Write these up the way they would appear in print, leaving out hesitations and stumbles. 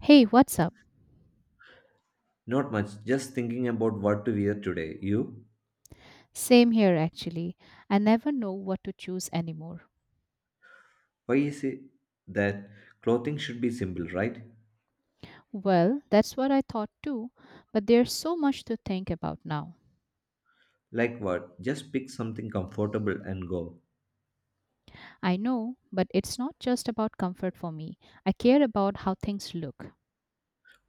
Hey, what's up? Not much, just thinking about what to wear today. You? Same here, actually. I never know what to choose anymore. Why is it that clothing should be simple, right? Well, that's what I thought too, but there's so much to think about now. Like what? Just pick something comfortable and go. I know, but it's not just about comfort for me. I care about how things look.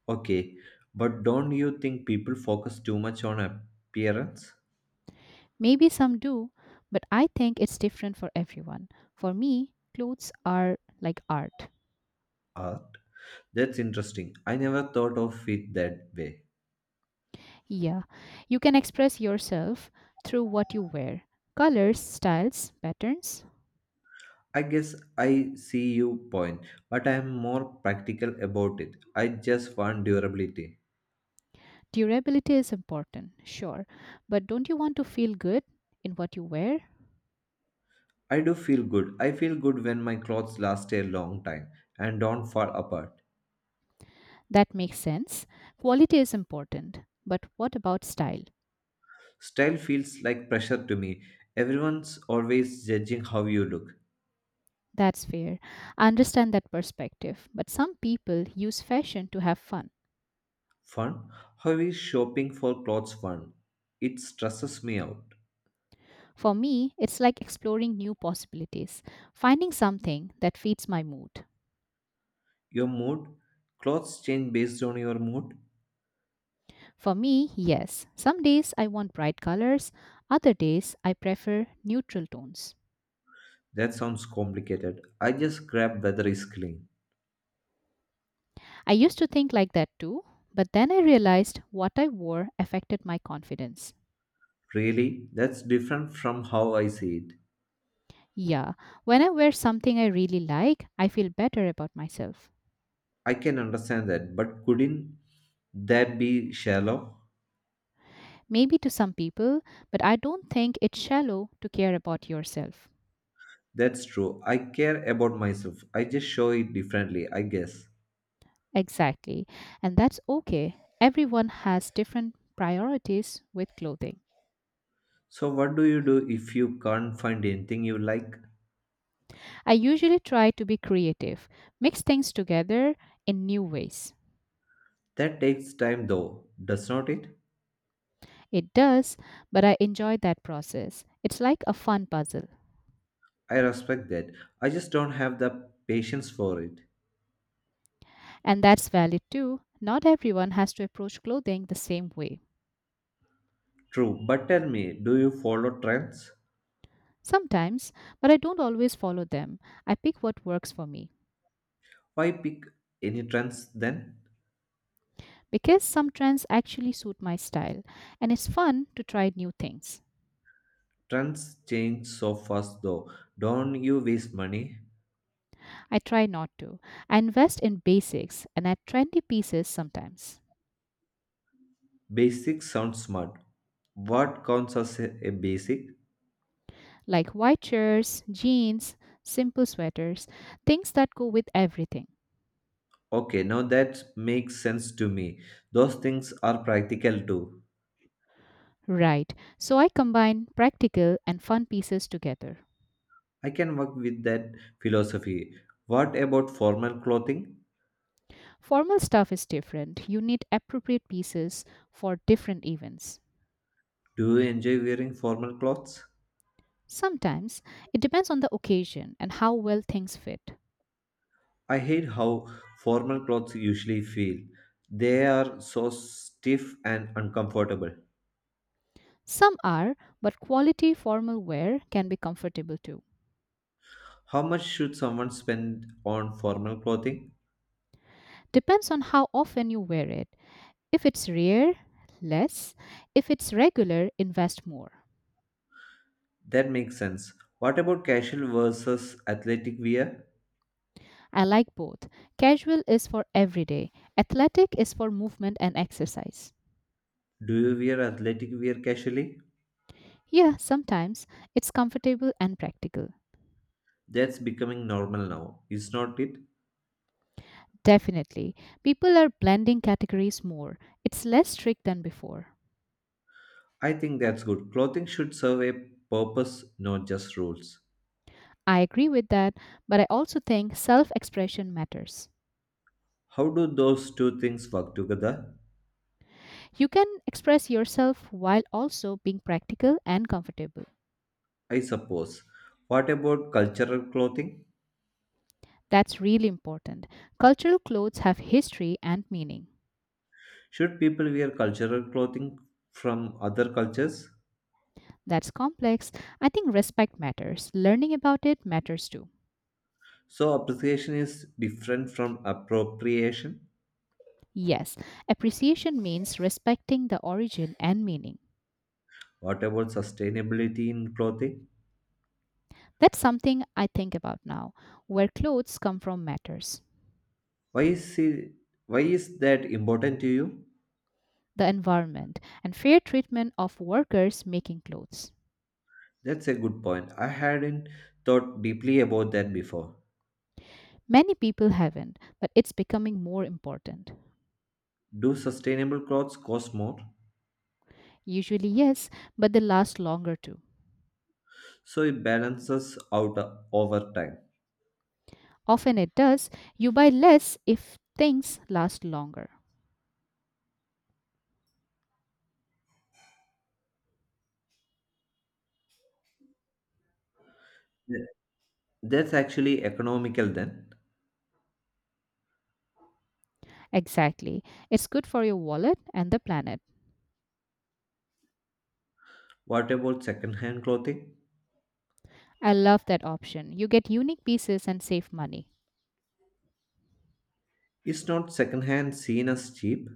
Okay, but don't you think people focus too much on appearance? Maybe some do, but I think it's different for everyone. For me, clothes are like art. Art? That's interesting. I never thought of it that way. Yeah, you can express yourself through what you wear, colors, styles, patterns. I guess I see your point, but I am more practical about it. I just want durability. Durability is important, sure, but don't you want to feel good in what you wear? I do feel good. I feel good when my clothes last a long time and don't fall apart. That makes sense. Quality is important, but what about style? Style feels like pressure to me. Everyone's always judging how you look. That's fair. I understand that perspective, but some people use fashion to have fun. Fun? How is shopping for clothes fun? It stresses me out. For me, it's like exploring new possibilities, finding something that fits my mood. Your mood? Clothes change based on your mood? For me, yes, some days I want bright colors, other days I prefer neutral tones. That sounds complicated. I just grab whether it's clean. I used to think like that too, but then I realized what I wore affected my confidence. Really? That's different from how I see it. Yeah, when I wear something I really like, I feel better about myself. I can understand that, but couldn't that be shallow? Maybe to some people, but I don't think it's shallow to care about yourself. That's true. I care about myself. I just show it differently, I guess. Exactly, and that's okay. Everyone has different priorities with clothing. So, what do you do if you can't find anything you like? I usually try to be creative, mix things together in new ways. That takes time though, does not it? It does, but I enjoy that process. It's like a fun puzzle. I respect that. I just don't have the patience for it. And that's valid too. Not everyone has to approach clothing the same way. True, but tell me, do you follow trends? Sometimes, but I don't always follow them. I pick what works for me Why pick any trends then? because some trends actually suit my style, and it's fun to try new things. Trends change so fast though. Don't you waste money? I try not to. I invest in basics and add trendy pieces sometimes, Basic sounds smart. What counts as a basic? like white shirts, jeans, simple sweaters, things that go with everything. Okay, now that makes sense to me. Those things are practical too. Right, so I combine practical and fun pieces together. I can work with that philosophy. What about formal clothing? Formal stuff is different. You need appropriate pieces for different events. Do you enjoy wearing formal clothes? Sometimes it depends on the occasion and how well things fit. I hate how formal clothes usually feel. They are so stiff and uncomfortable. Some are, but quality formal wear can be comfortable too. How much should someone spend on formal clothing? Depends on how often you wear it. If it's rare, less. If it's regular, invest more. That makes sense. What about casual versus athletic wear? I like both. Casual is for everyday, athletic is for movement and exercise. Do you wear athletic wear casually? Yeah, sometimes it's comfortable and practical. That's becoming normal now, is not it? Definitely. People are blending categories more. It's less strict than before. I think that's good. Clothing should serve a purpose, not just rules. I agree with that, but I also think self expression matters. How do those two things work together? You can express yourself while also being practical and comfortable. I suppose. What about cultural clothing? That's really important. Cultural clothes have history and meaning. Should people wear cultural clothing from other cultures? That's complex. I think respect matters. Learning about it matters too. So, appreciation is different from appropriation. Yes, appreciation means respecting the origin and meaning. What about sustainability in clothing? That's something I think about now. Where clothes come from matters. Why is, it, why is that important to you? The environment, and fair treatment of workers making clothes. That's a good point. I hadn't thought deeply about that before. Many people haven't, but it's becoming more important. Do sustainable clothes cost more? Usually, yes, but they last longer too. So, it balances out over time. Often it does. You buy less if things last longer. That's actually economical then. Exactly. It's good for your wallet and the planet. What about second-hand clothing? I love that option. You get unique pieces and save money. Is not second-hand seen as cheap?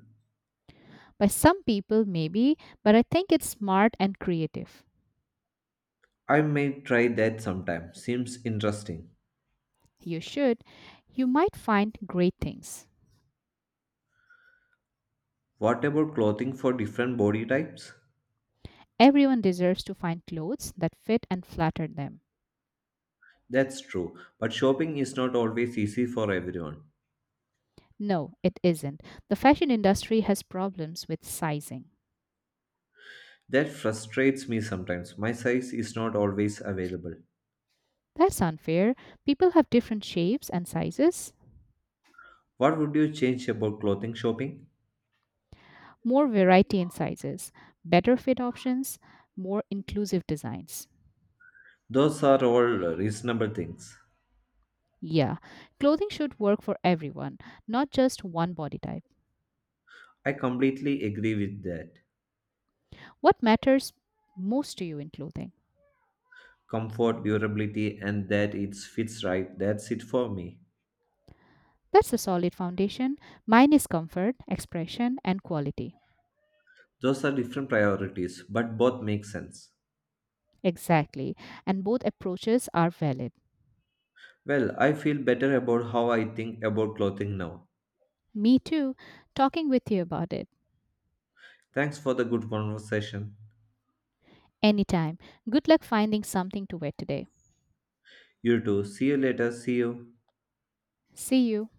By some people, maybe, but I think it's smart and creative. I may try that sometime. Seems interesting. You should. You might find great things. What about clothing for different body types? Everyone deserves to find clothes that fit and flatter them. That's true, but shopping is not always easy for everyone. No, it isn't. The fashion industry has problems with sizing. That frustrates me sometimes. My size is not always available. That's unfair. People have different shapes and sizes, What would you change about clothing shopping? more variety in sizes, better fit options, more inclusive designs. Those are all reasonable things. Yeah, clothing should work for everyone, not just one body type. I completely agree with that. What matters most to you in clothing? Comfort, durability, and that it fits right. That's it for me. That's a solid foundation. Mine is comfort, expression, and quality. Those are different priorities, but both make sense. Exactly. And both approaches are valid. Well, I feel better about how I think about clothing now. Me too. Talking with you about it. Thanks for the good conversation. Anytime. Good luck finding something to wear today. You too. See you later. See you. See you.